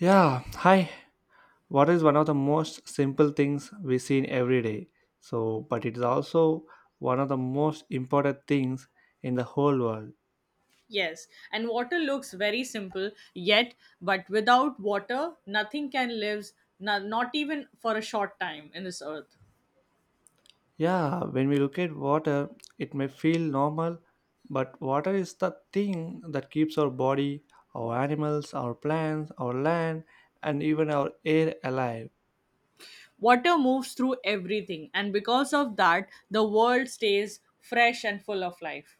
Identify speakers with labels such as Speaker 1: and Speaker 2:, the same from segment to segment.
Speaker 1: Yeah, hi. Water is one of the most simple things we see in every day? So, but it is also one of the most important things in the whole world.
Speaker 2: Yes, and water looks very simple, yet, but without water, nothing can live, not even for a short time in this earth.
Speaker 1: Yeah, when we look at water, it may feel normal, but water is the thing that keeps our body, our animals, our plants, our land, and even our air alive.
Speaker 2: Water moves through everything, and because of that, the world stays fresh and full of life.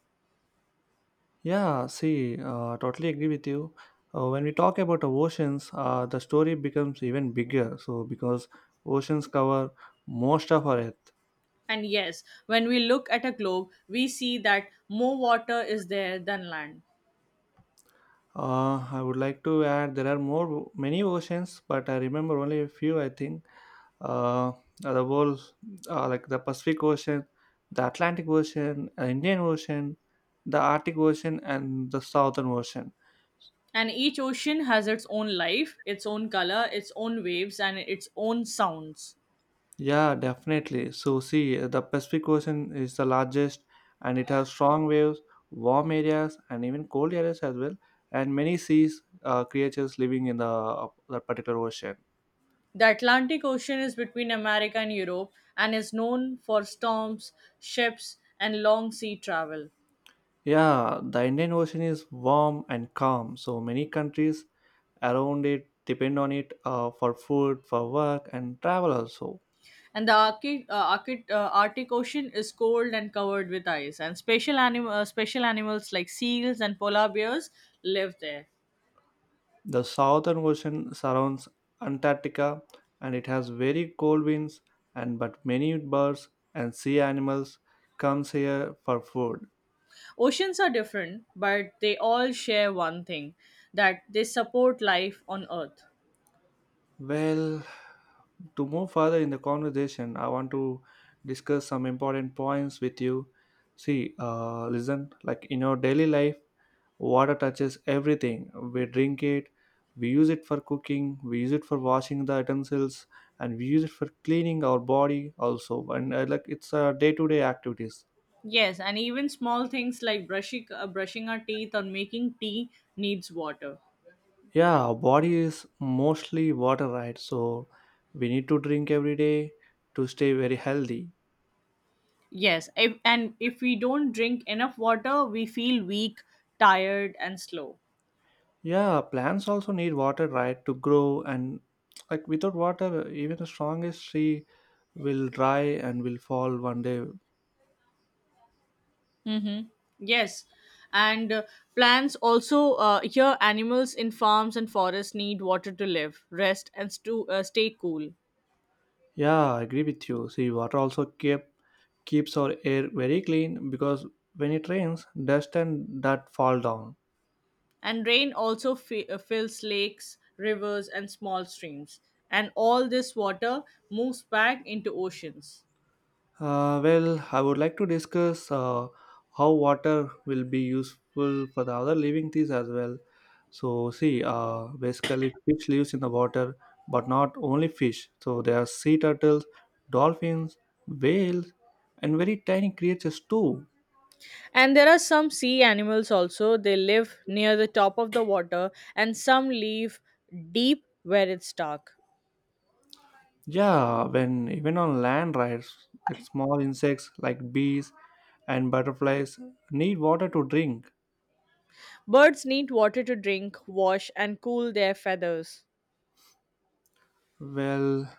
Speaker 1: Yeah, see, totally agree with you. When we talk about oceans, the story becomes even bigger. So, because oceans cover most of our Earth.
Speaker 2: And yes, when we look at a globe, we see that more water is there than land.
Speaker 1: I would like to add there are more many oceans, but I remember only a few. I think uh, the whole like the Pacific Ocean, the Atlantic Ocean, Indian Ocean, the Arctic Ocean, and the Southern Ocean.
Speaker 2: And each ocean has its own life, its own color, its own waves, and its own sounds.
Speaker 1: Yeah, definitely. So, see, the Pacific Ocean is the largest and it has strong waves, warm areas, and even cold areas as well, and many seas creatures living in the that particular ocean.
Speaker 2: The Atlantic Ocean is between America and Europe and is known for storms, ships, and long sea travel.
Speaker 1: Yeah, the Indian Ocean is warm and calm, so many countries around it depend on it for food, for work, and travel also.
Speaker 2: And the Arctic Ocean is cold and covered with ice, and special animals like seals and polar bears live there.
Speaker 1: The Southern Ocean surrounds Antarctica and it has very cold winds and but many birds and sea animals comes here for food.
Speaker 2: Oceans are different, but they all share one thing that they support life on Earth.
Speaker 1: Well, to move further in the conversation, I want to discuss some important points with you. See, listen, like in your daily life, water touches everything. We drink it, we use it for cooking, we use it for washing the utensils, and we use it for cleaning our body also. And like it's a day to day activities.
Speaker 2: Yes, and even small things like brushing our teeth or making tea needs water.
Speaker 1: Yeah, our body is mostly water, right? So we need to drink every day to stay very healthy.
Speaker 2: Yes, if, and if we don't drink enough water, we feel weak, tired, and slow.
Speaker 1: Yeah, plants also need water, right, to grow. And like without water, even the strongest tree will dry and will fall one day.
Speaker 2: Mm-hmm. Yes, and plants also here animals in farms and forests need water to live, rest, and stay cool.
Speaker 1: Yeah, I agree with you. See, water also keeps our air very clean because when it rains, dust and that fall down.
Speaker 2: And rain also fills lakes, rivers, and small streams. And all this water moves back into oceans.
Speaker 1: Well, I would like to discuss how water will be useful for the other living things as well. So, see, basically, fish lives in the water, but not only fish. So, there are sea turtles, dolphins, whales, and very tiny creatures too.
Speaker 2: And there are some sea animals also. They live near the top of the water and some live deep where it's dark.
Speaker 1: Yeah, when even on land, right, like small insects like bees and butterflies need water to drink.
Speaker 2: Birds need water to drink, wash, and cool their feathers.
Speaker 1: Well,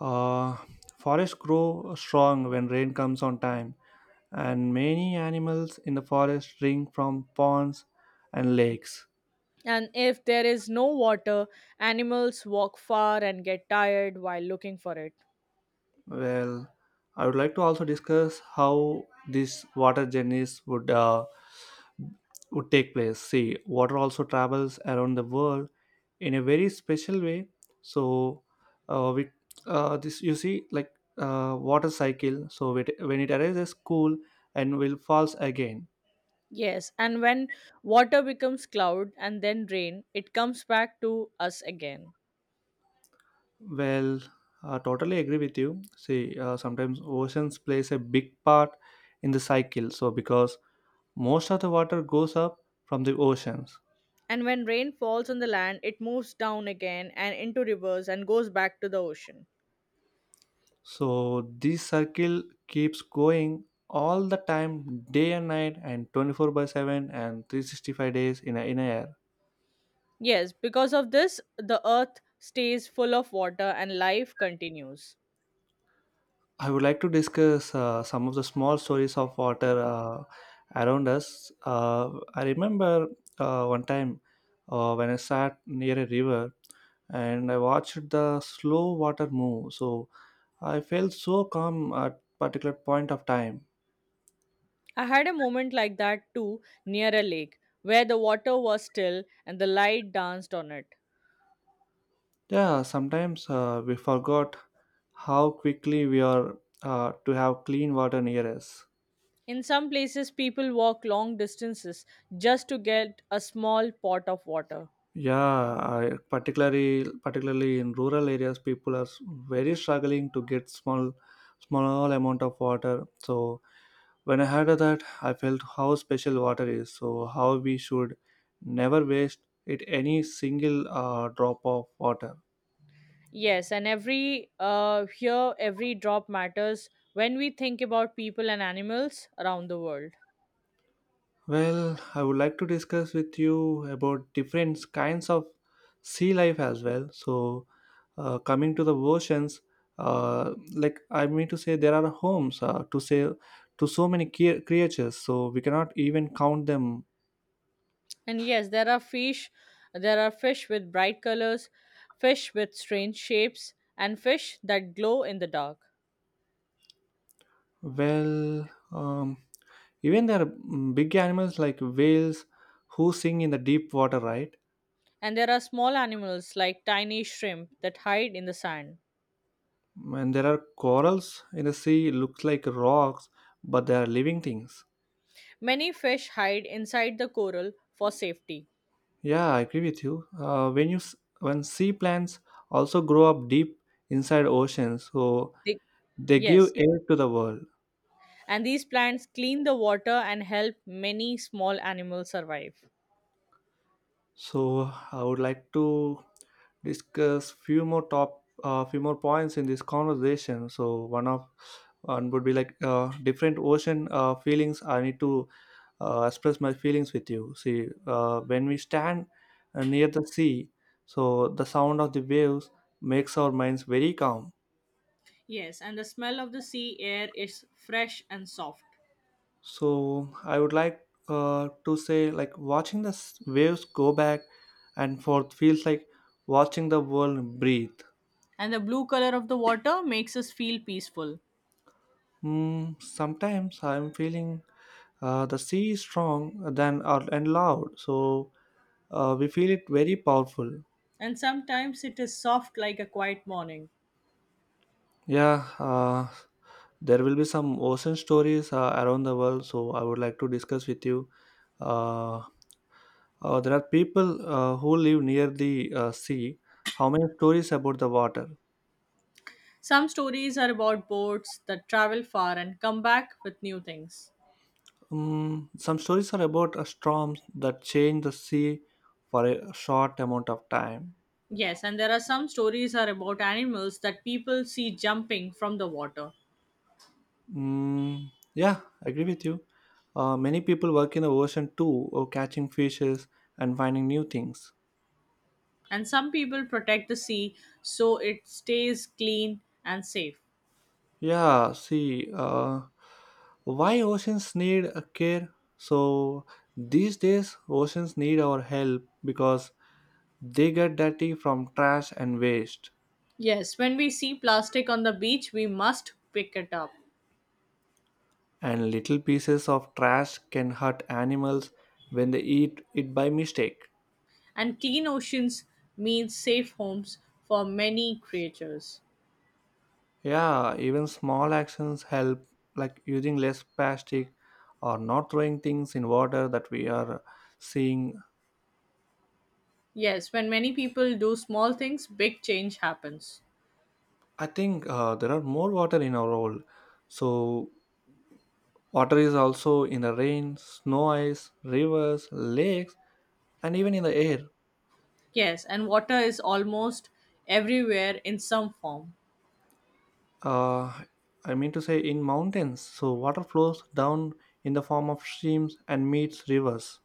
Speaker 1: uh, forests grow strong when rain comes on time, and many animals in the forest drink from ponds and lakes.
Speaker 2: And if there is no water, animals walk far and get tired while looking for it.
Speaker 1: Well, I would like to also discuss how these water journeys would take place. See, water also travels around the world in a very special way. So, we this you see like water cycle. So it, when it arises, cool and will falls again.
Speaker 2: Yes, and when water becomes cloud and then rain, it comes back to us again.
Speaker 1: Well, I totally agree with you. See, sometimes oceans plays a big part in the cycle. So because most of the water goes up from the oceans.
Speaker 2: And when rain falls on the land, it moves down again and into rivers and goes back to the ocean.
Speaker 1: So this circle keeps going all the time, day and night, and 24 by 7 and 365 days in a year.
Speaker 2: Yes, because of this, the earth stays full of water and life continues.
Speaker 1: I would like to discuss some of the small stories of water around us. I remember one time when I sat near a river and I watched the slow water move. So I felt so calm at particular point of time.
Speaker 2: I had a moment like that too near a lake where the water was still and the light danced on it.
Speaker 1: Yeah, sometimes we forgot how quickly we are to have clean water near us.
Speaker 2: In some places, people walk long distances just to get a small pot of water.
Speaker 1: Yeah, particularly in rural areas, people are very struggling to get small amount of water. So when I heard of that, I felt how special water is. So how we should never waste it any single drop of water.
Speaker 2: Yes, and every drop matters when we think about people and animals around the world.
Speaker 1: Well, I would like to discuss with you about different kinds of sea life as well. So, coming to the oceans, like I mean to say, there are homes to say to so many creatures. So we cannot even count them.
Speaker 2: And yes, there are fish with bright colors, fish with strange shapes, and fish that glow in the dark.
Speaker 1: Well, even there are big animals like whales who sing in the deep water, right?
Speaker 2: And there are small animals like tiny shrimp that hide in the sand.
Speaker 1: And there are corals in the sea, looks like rocks, but they are living things.
Speaker 2: Many fish hide inside the coral for safety.
Speaker 1: Yeah, I agree with you. When sea plants also grow up deep inside oceans, so
Speaker 2: They,
Speaker 1: they give
Speaker 2: yes,
Speaker 1: air to the world.
Speaker 2: and these plants clean the water and help many small animals survive.
Speaker 1: So I would like to discuss few more points in this conversation. So one would be like different ocean feelings. I need to express my feelings with you. See, when we stand near the sea, so the sound of the waves makes our minds very calm.
Speaker 2: Yes, and the smell of the sea air is fresh and soft.
Speaker 1: So I would like to say like watching the waves go back and forth feels like watching the world breathe.
Speaker 2: And the blue color of the water makes us feel peaceful.
Speaker 1: Sometimes I'm feeling the sea is strong than and loud, so we feel it very powerful.
Speaker 2: And sometimes it is soft like a quiet morning.
Speaker 1: Yeah, there will be some ocean stories around the world, so I would like to discuss with you. Uh, there are people who live near the sea. How many stories about the water?
Speaker 2: Some stories are about boats that travel far and come back with new things.
Speaker 1: Some stories are about storms that change the sea for a short amount of time.
Speaker 2: Yes, and there are some stories are about animals that people see jumping from the water.
Speaker 1: Mm, yeah, I agree with you. Many people work in the ocean too, or catching fishes and finding new things.
Speaker 2: And some people protect the sea so it stays clean and safe.
Speaker 1: Yeah, see, why oceans need a care? So these days, oceans need our help because they get dirty from trash and waste,
Speaker 2: Yes, when we see plastic on the beach, we must pick it up.
Speaker 1: and little pieces of trash can hurt animals when they eat it by mistake.
Speaker 2: And clean oceans means safe homes for many creatures.
Speaker 1: Yeah, even small actions help, like using less plastic or not throwing things in water that we are seeing.
Speaker 2: Yes, when many people do small things, big change happens.
Speaker 1: I think there are more water in our world, so water is also in the rain, snow, ice, rivers, lakes, and even in the air.
Speaker 2: Yes, and water is almost everywhere in some form,
Speaker 1: Uh, I mean to say in mountains. So water flows down in the form of streams and meets rivers.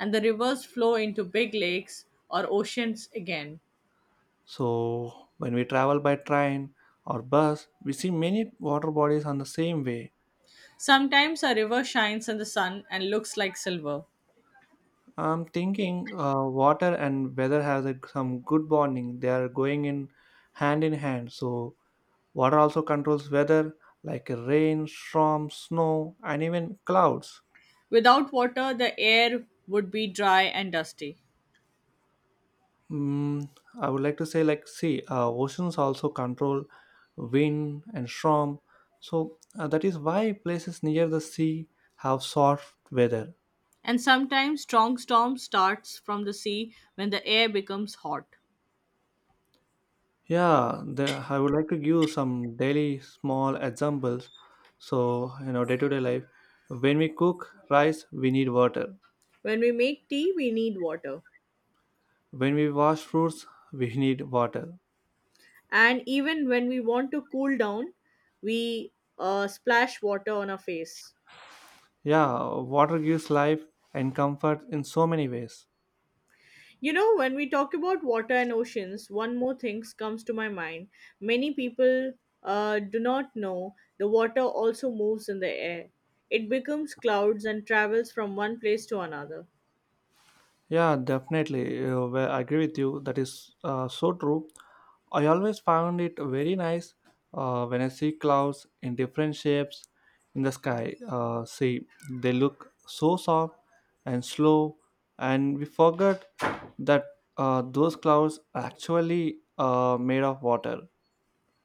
Speaker 2: and the rivers flow into big lakes or oceans again.
Speaker 1: So when we travel by train or bus, we see many water bodies on the same way.
Speaker 2: Sometimes a river shines in the sun and looks like silver.
Speaker 1: I'm thinking water and weather has some good bonding. They are going in hand in hand. So water also controls weather like rain, storm, snow, and even clouds.
Speaker 2: Without water, the air would be dry and dusty.
Speaker 1: Mm, I would like to say, like, see, oceans also control wind and storm. So that is why places near the sea have soft weather.
Speaker 2: And sometimes strong storm starts from the sea when the air becomes hot.
Speaker 1: Yeah, I would like to give some daily small examples. So, day to day life, when we cook rice, we need water.
Speaker 2: When we make tea, we need water.
Speaker 1: When we wash fruits, we need water.
Speaker 2: And even when we want to cool down, we splash water on our face.
Speaker 1: Yeah, water gives life and comfort in so many ways.
Speaker 2: You know, when we talk about water and oceans, one more thing comes to my mind. Many people do not know the water also moves in the air. It becomes clouds and travels from one place to another,
Speaker 1: Yeah, definitely. Well, I agree with you. That is so true. I always found it very nice when I see clouds in different shapes in the sky. See, they look so soft and slow, and we forgot that those clouds are actually made of water.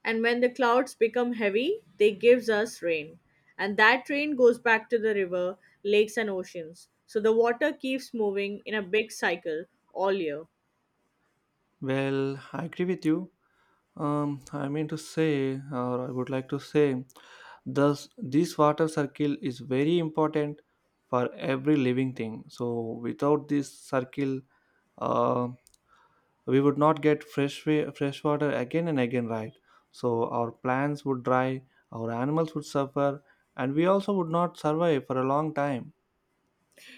Speaker 2: and when the clouds become heavy, they gives us rain, and that rain goes back to the river, lakes and oceans, so the water keeps moving in a big cycle all year.
Speaker 1: Well, I agree with you. I mean to say, or I would like to say, thus this water circle is very important for every living thing. So without this circle, uh, we would not get fresh water again and again, right? So our plants would dry, our animals would suffer, and we also would not survive for a long time.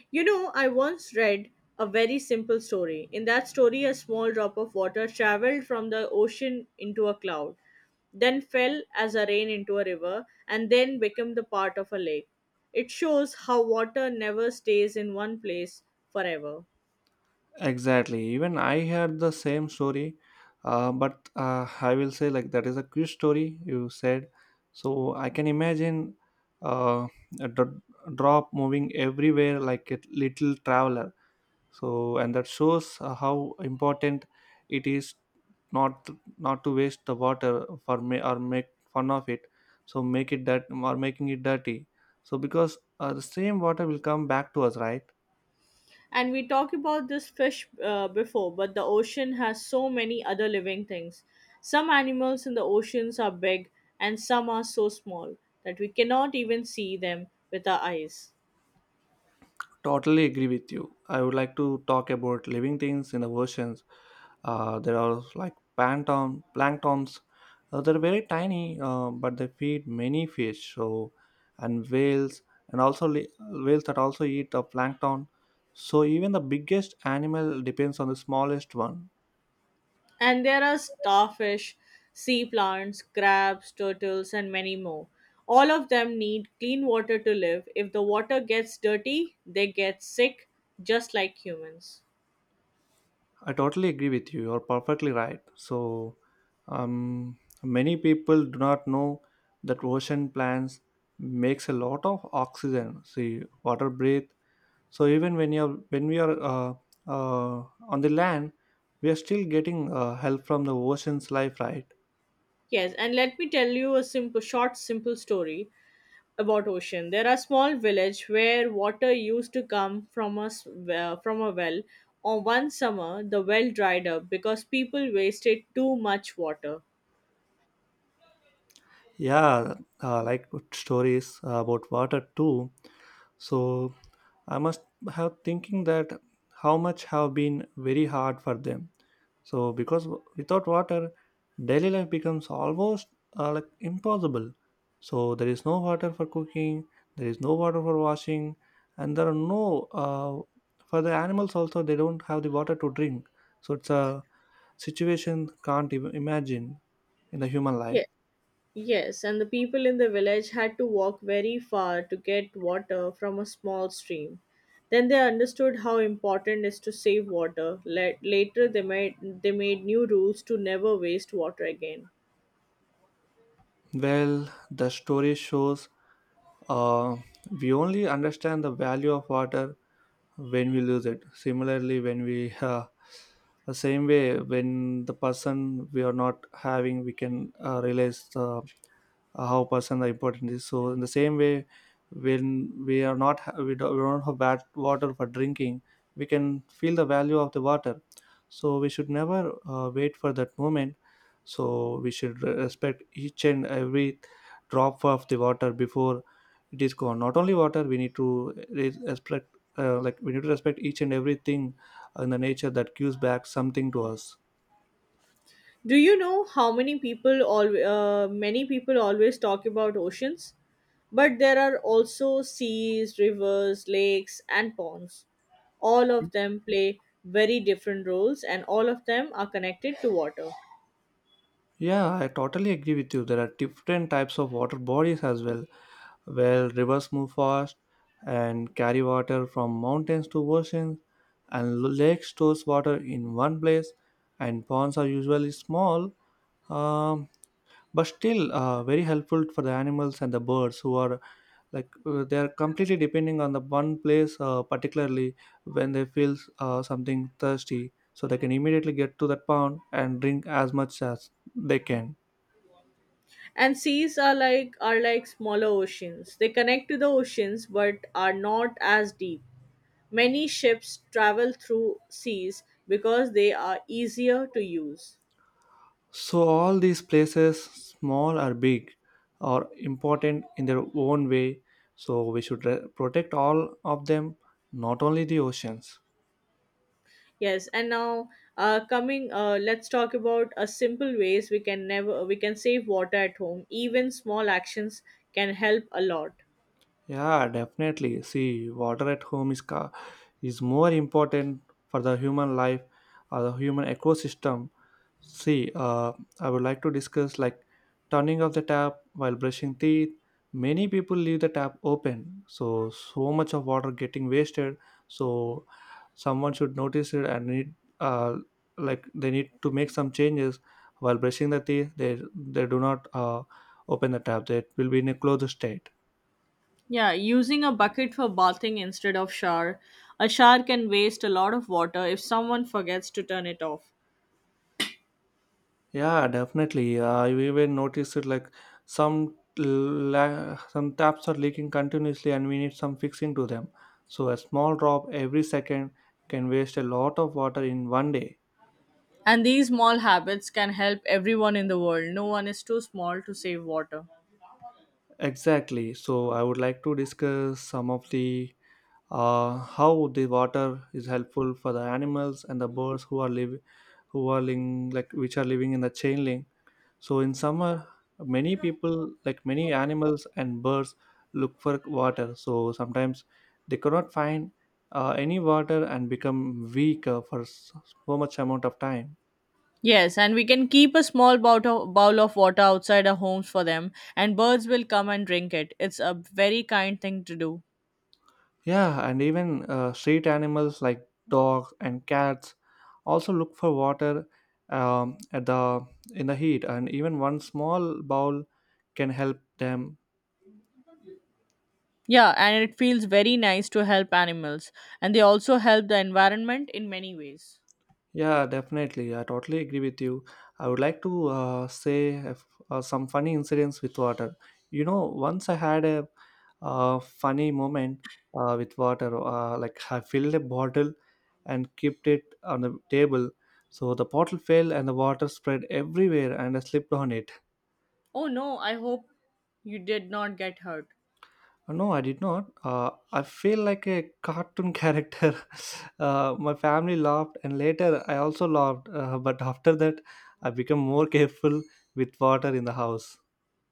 Speaker 2: You know, I once read a very simple story. In that story, a small drop of water traveled from the ocean into a cloud, then fell as a rain into a river, and then became the part of a lake. It shows how water never stays in one place forever.
Speaker 1: Exactly. Even I had the same story, but I will say like that is a quick story you said. So I can imagine uh, a drop moving everywhere like a little traveler. So and that shows how important it is not not to waste the water for me or make fun of it. So make it that or making it dirty. So because the same water will come back to us, right?
Speaker 2: And we talked about this fish before, but the ocean has so many other living things. Some animals in the oceans are big, and some are so small that we cannot even see them with our eyes.
Speaker 1: Totally agree with you. I would like to talk about living things in the oceans. There are like planktons. They're very tiny, but they feed many fish. So, and whales, and also whales that also eat the plankton. So even the biggest animal depends on the smallest one.
Speaker 2: And there are starfish, sea plants, crabs, turtles, and many more. All of them need clean water to live. If the water gets dirty, they get sick, just like humans.
Speaker 1: I totally agree with you. You're perfectly right. So, many people do not know that ocean plants makes a lot of oxygen. See, water breathe. So even when we are on the land, we are still getting help from the ocean's life, right?
Speaker 2: Yes, and let me tell you a simple, short, simple story about ocean. There are small village where water used to come from a from a well. On one summer, the well dried up because people wasted too much water.
Speaker 1: Yeah, like good stories about water too. So I must have thinking that how much have been very hard for them. So, because without water, daily life becomes almost like impossible. So, there is no water for cooking, there is no water for washing, and there are no for the animals also, they don't have the water to drink. So, it's a situation can't even imagine in the human life.
Speaker 2: Yes. Yes, and the people in the village had to walk very far to get water from a small stream. Then they understood how important it is to save water. Later they made new rules to never waste water again.
Speaker 1: Well, the story shows uh, we only understand the value of water when we lose it. Similarly, when we the same way when the person we are not having, we can realize how person the important is. So in the same way when we are not we don't have bad water for drinking, we can feel the value of the water. So we should never wait for that moment. So we should respect each and every drop of the water before it is gone. Not only water, we need to respect, like we need to respect each and everything in the nature that gives back something to us.
Speaker 2: Do you know how many people al many people always talk about oceans? But there are also seas, rivers, lakes and ponds. All of them play very different roles and all of them are connected to water.
Speaker 1: Yeah, I totally agree with you. There are different types of water bodies as well, where rivers move fast and carry water from mountains to oceans, and lake stores water in one place, and ponds are usually small, um, but still very helpful for the animals and the birds who are, like they are completely depending on the one place, particularly when they feel something thirsty, so they can immediately get to that pond and drink as much as they can.
Speaker 2: And seas are like smaller oceans. They connect to the oceans but are not as deep. Many ships travel through seas because they are easier to use.
Speaker 1: So all these places, small or big, are important in their own way. So we should protect all of them, not only the oceans.
Speaker 2: Yes, and now, coming let's talk about a simple ways we can never we can save water at home. Even small actions can help a lot.
Speaker 1: Yeah, definitely. See, water at home is is more important for the human life or the human ecosystem. See, I would like to discuss like turning off the tap while brushing teeth. Many people leave the tap open, so so much of water getting wasted. So someone should notice it and need, uh, like they need to make some changes while brushing the teeth. They do not open the tap. It will be in a closed state.
Speaker 2: Yeah, using a bucket for bathing instead of shower. A shower can waste a lot of water if someone forgets to turn it off.
Speaker 1: Yeah, definitely. I even noticed it, like some some taps are leaking continuously and we need some fixing to them. So a small drop every second can waste a lot of water in one day.
Speaker 2: And these small habits can help everyone in the world. No one is too small to save water.
Speaker 1: Exactly. So I would like to discuss some of the, how the water is helpful for the animals and the birds who are live who are living, like which are living in the chain link. So in summer, many people, like many animals and birds, look for water. So sometimes they cannot find any water and become weak for so much amount of time.
Speaker 2: Yes, and we can keep a small bowl of water outside our homes for them, and birds will come and drink it. It's a very kind thing to do.
Speaker 1: Yeah, and even street animals like dogs and cats also look for water, at the, in the heat, and even one small bowl can help them.
Speaker 2: Yeah, and it feels very nice to help animals, and they also help the environment in many ways.
Speaker 1: Yeah, definitely. I totally agree with you. I would like to say if, some funny incidents with water. You know, once I had a, funny moment with water. Like I filled a bottle and kept it on the table, so the bottle fell and the water spread everywhere, and I slipped on it.
Speaker 2: Oh no, I hope you did not get hurt.
Speaker 1: No, I did not. I feel like a cartoon character. My family laughed, and later I also laughed. But after that, I became more careful with water in the house.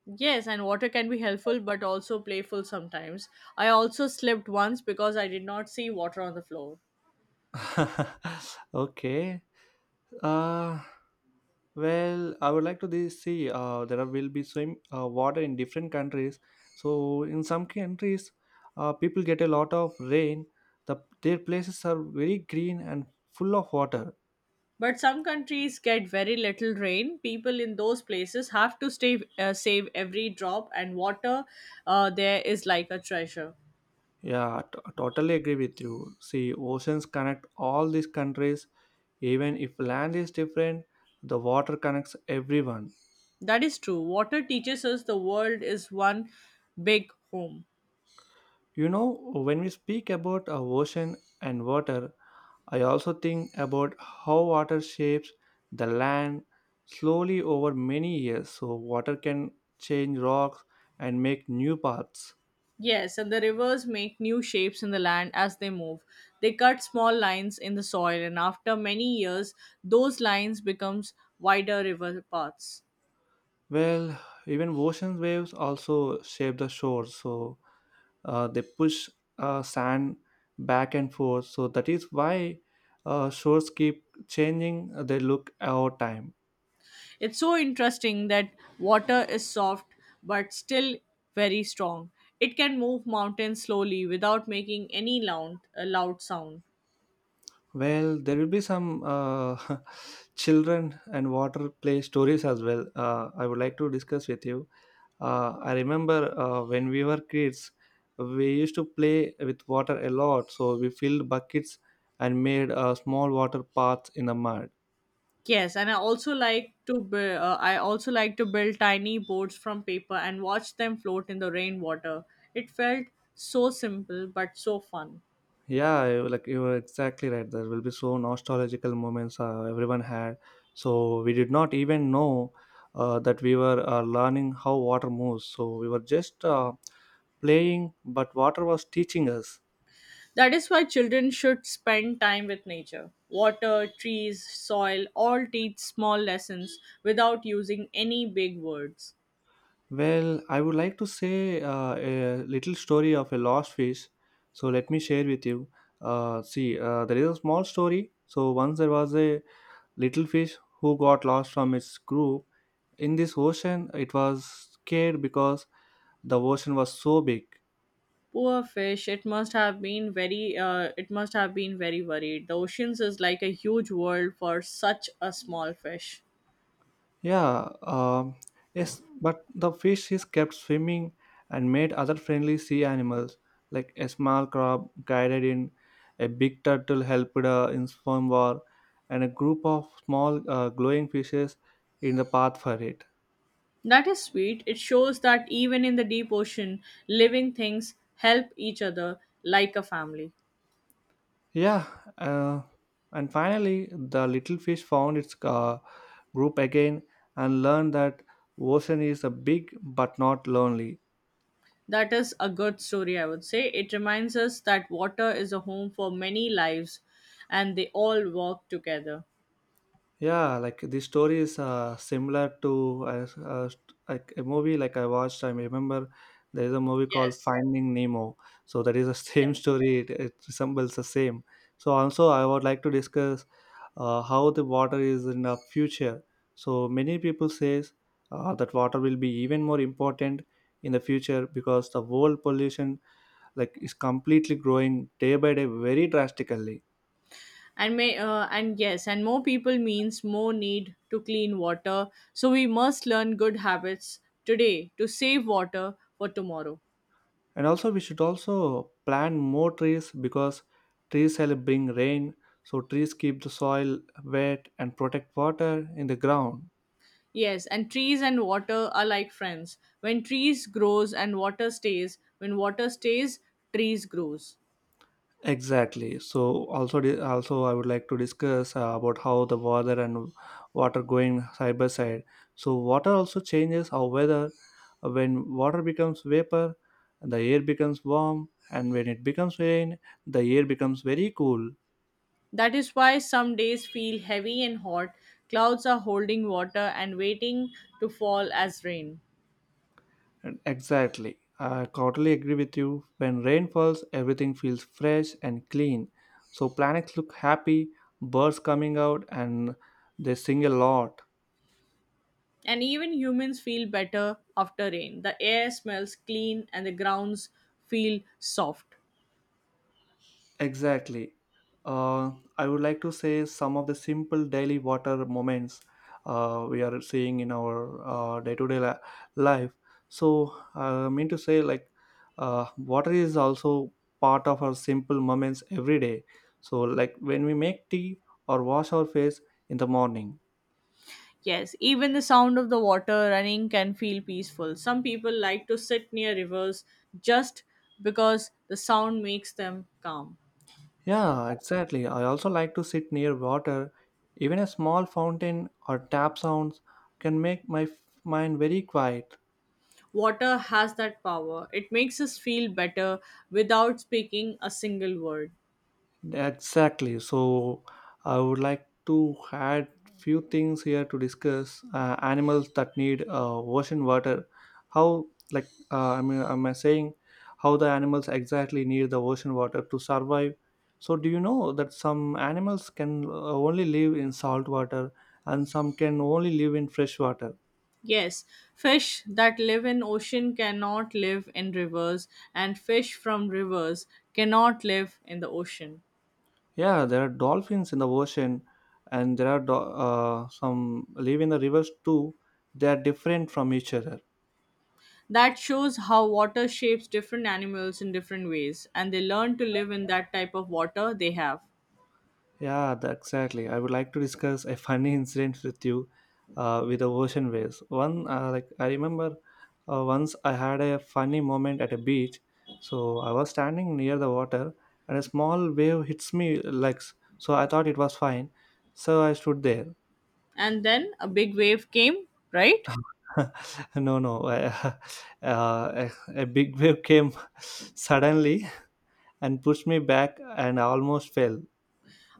Speaker 2: Yes, and water can be helpful but also playful sometimes. I also slipped once because I did not see water on the floor.
Speaker 1: Okay. Uh, well, I would like to see. There will be swim water in different countries. So in some countries, people get a lot of rain. The their places are very green and full of water.
Speaker 2: But some countries get very little rain. People in those places have to stay, save every drop, and water there is like a treasure.
Speaker 1: Yeah, totally agree with you. See, oceans connect all these countries. Even if land is different, the water connects everyone.
Speaker 2: That is true. Water teaches us the world is one big home.
Speaker 1: You know, when we speak about a ocean and water, I also think about how water shapes the land slowly over many years. So water can change rocks and make new paths.
Speaker 2: Yes, and the rivers make new shapes in the land as they move. They cut small lines in the soil, and after many years, those lines becomes wider river paths.
Speaker 1: Well, even ocean waves also shape the shores. So they push sand back and forth, so that is why shores keep changing, they look over time.
Speaker 2: It's so interesting that water is soft but still very strong. It can move mountains slowly without making any loud a loud sound.
Speaker 1: Well, there will be some children and water play stories as well. I would like to discuss with you. I remember when we were kids, we used to play with water a lot. So we filled buckets and made small water paths in the mud.
Speaker 2: Yes, and I also like to build tiny boats from paper and watch them float in the rainwater. It felt so simple but so fun.
Speaker 1: Yeah, you- like you were exactly right. There will be so nostalgical moments everyone had. So we did not even know that we were learning how water moves. So we were just playing, but water was teaching us.
Speaker 2: That is why children should spend time with nature. Water, trees, soil all teach small lessons without using any big words.
Speaker 1: Well, I would like to say a little story of a lost fish. So let me share with you. See, there is a small story. So once there was a little fish who got lost from its group in this ocean. It was scared because the ocean was so big.
Speaker 2: Poor fish. It must have been very worried. The oceans is like a huge world for such a small fish.
Speaker 1: Yeah, yes, but the fish is kept swimming and made other friendly sea animals, like a small crab guided in, a big turtle helped in swim war, and a group of small glowing fishes in the path for it.
Speaker 2: That is sweet. It shows that even in the deep ocean, living things help each other like a family.
Speaker 1: Yeah, uh, and finally, the little fish found its group again and learned that ocean is a big but not lonely.
Speaker 2: That is a good story, I would say. It reminds us that water is a home for many lives, and they all work together.
Speaker 1: Yeah, like the story is similar to like a movie like I watched. I remember there is a movie called
Speaker 2: Yes.
Speaker 1: Finding Nemo. So that is the same
Speaker 2: Yes.
Speaker 1: story. It resembles the same. So also I would like to discuss how the water is in the future. So many people says that water will be even more important in the future because the world pollution like is completely growing day by day very drastically.
Speaker 2: And more people means more need to clean water, so we must learn good habits today to save water for tomorrow.
Speaker 1: And also we should also plant more trees because trees help bring rain, so trees keep the soil wet and protect water in the ground.
Speaker 2: Yes, and trees and water are like friends. When trees grows and water stays, when water stays, trees grows.
Speaker 1: Exactly. So also also I would like to discuss about how the weather and water going side by side. So water also changes our weather. When water becomes vapor, the air becomes warm, and when it becomes rain, the air becomes very cool.
Speaker 2: That is why some days feel heavy and hot, clouds are holding water and waiting to fall as rain.
Speaker 1: Exactly. I totally agree with you. When rain falls, everything feels fresh and clean. So planets look happy, birds coming out, and they sing a lot.
Speaker 2: And even humans feel better after rain. The air smells clean and the grounds feel soft.
Speaker 1: Exactly. Uh, I would like to say some of the simple daily water moments we are seeing in our day to day life. So, I mean to say, like, water is also part of our simple moments every day. So, like, when we make tea or wash our face in the morning.
Speaker 2: Yes, even the sound of the water running can feel peaceful. Some people like to sit near rivers just because the sound makes them calm.
Speaker 1: Yeah, exactly. I also like to sit near water. Even a small fountain or tap sounds can make my mind very quiet.
Speaker 2: Water has that power. It makes us feel better without speaking a single word.
Speaker 1: Exactly. So I would like to add few things here to discuss. Animals that need ocean water. How, like I mean am I saying how the animals exactly need the ocean water to survive? So do you know that some animals can only live in salt water, and some can only live in fresh water?
Speaker 2: Yes, fish that live in ocean cannot live in rivers and fish from rivers cannot live in the ocean.
Speaker 1: Yeah, there are dolphins in the ocean and there are some live in the rivers too. They are different from each other.
Speaker 2: That shows how water shapes different animals in different ways, and they learn to live in that type of water they have.
Speaker 1: Yeah, exactly. I would like to discuss a funny incident with you with the ocean waves. One, like I remember once I had a funny moment at a beach. So I was standing near the water and a small wave hits me legs. So I thought it was fine. So I stood there.
Speaker 2: And then a big wave came, right?
Speaker 1: No, no. Uh, a, a big wave came suddenly and pushed me back and I almost fell.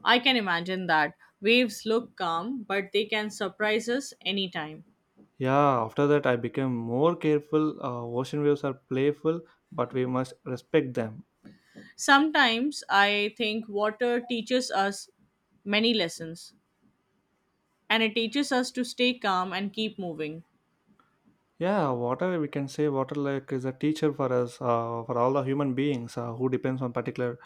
Speaker 2: I can imagine that. Waves look calm, but they can surprise us anytime.
Speaker 1: Yeah, after that, I became more careful. Ocean waves are playful, but we must respect them.
Speaker 2: Sometimes I think water teaches us many lessons, and it teaches us to stay calm and keep moving.
Speaker 1: Yeah, water, we can say water like is a teacher for us, for all the human beings who depends on particular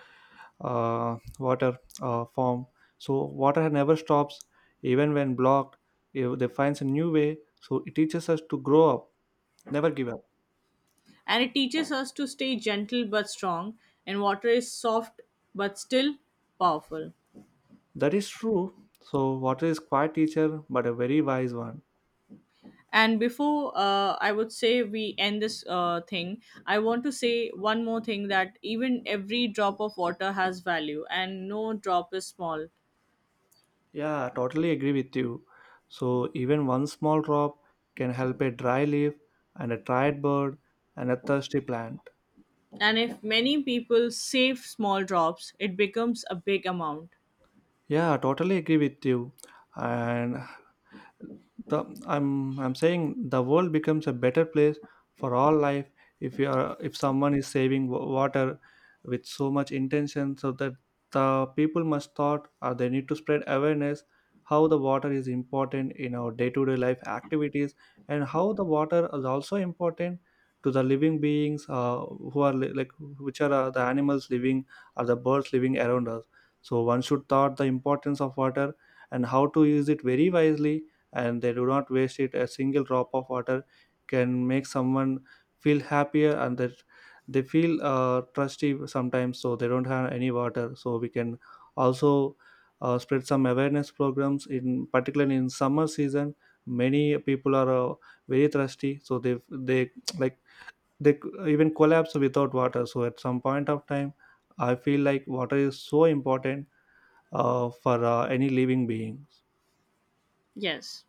Speaker 1: water form. So water never stops, even when blocked. If they finds a new way, so it teaches us to grow up, never give up.
Speaker 2: And it teaches us to stay gentle but strong, and water is soft but still powerful.
Speaker 1: That is true. So water is quiet teacher, but a very wise one.
Speaker 2: And before, I would say we end this thing, I want to say one more thing that even every drop of water has value and no drop is small.
Speaker 1: Yeah, totally agree with you. So even one small drop can help a dry leaf and a tired bird and a thirsty plant.
Speaker 2: And if many people save small drops, it becomes a big amount.
Speaker 1: Yeah, totally agree with you. And the I'm saying the world becomes a better place for all life if you are, if someone is saving water with so much intention, so that the people must thought, or they need to spread awareness how the water is important in our day-to-day life activities, and how the water is also important to the living beings, who are like which are the animals living or the birds living around us. So one should thought the importance of water and how to use it very wisely, and they do not waste it. A single drop of water can make someone feel happier, and that they feel trusty sometimes so they don't have any water. So we can also spread some awareness programs in particularly in summer season. Many people are very thirsty, so they like they even collapse without water. So at some point of time I feel like water is so important for any living being.
Speaker 2: Yes.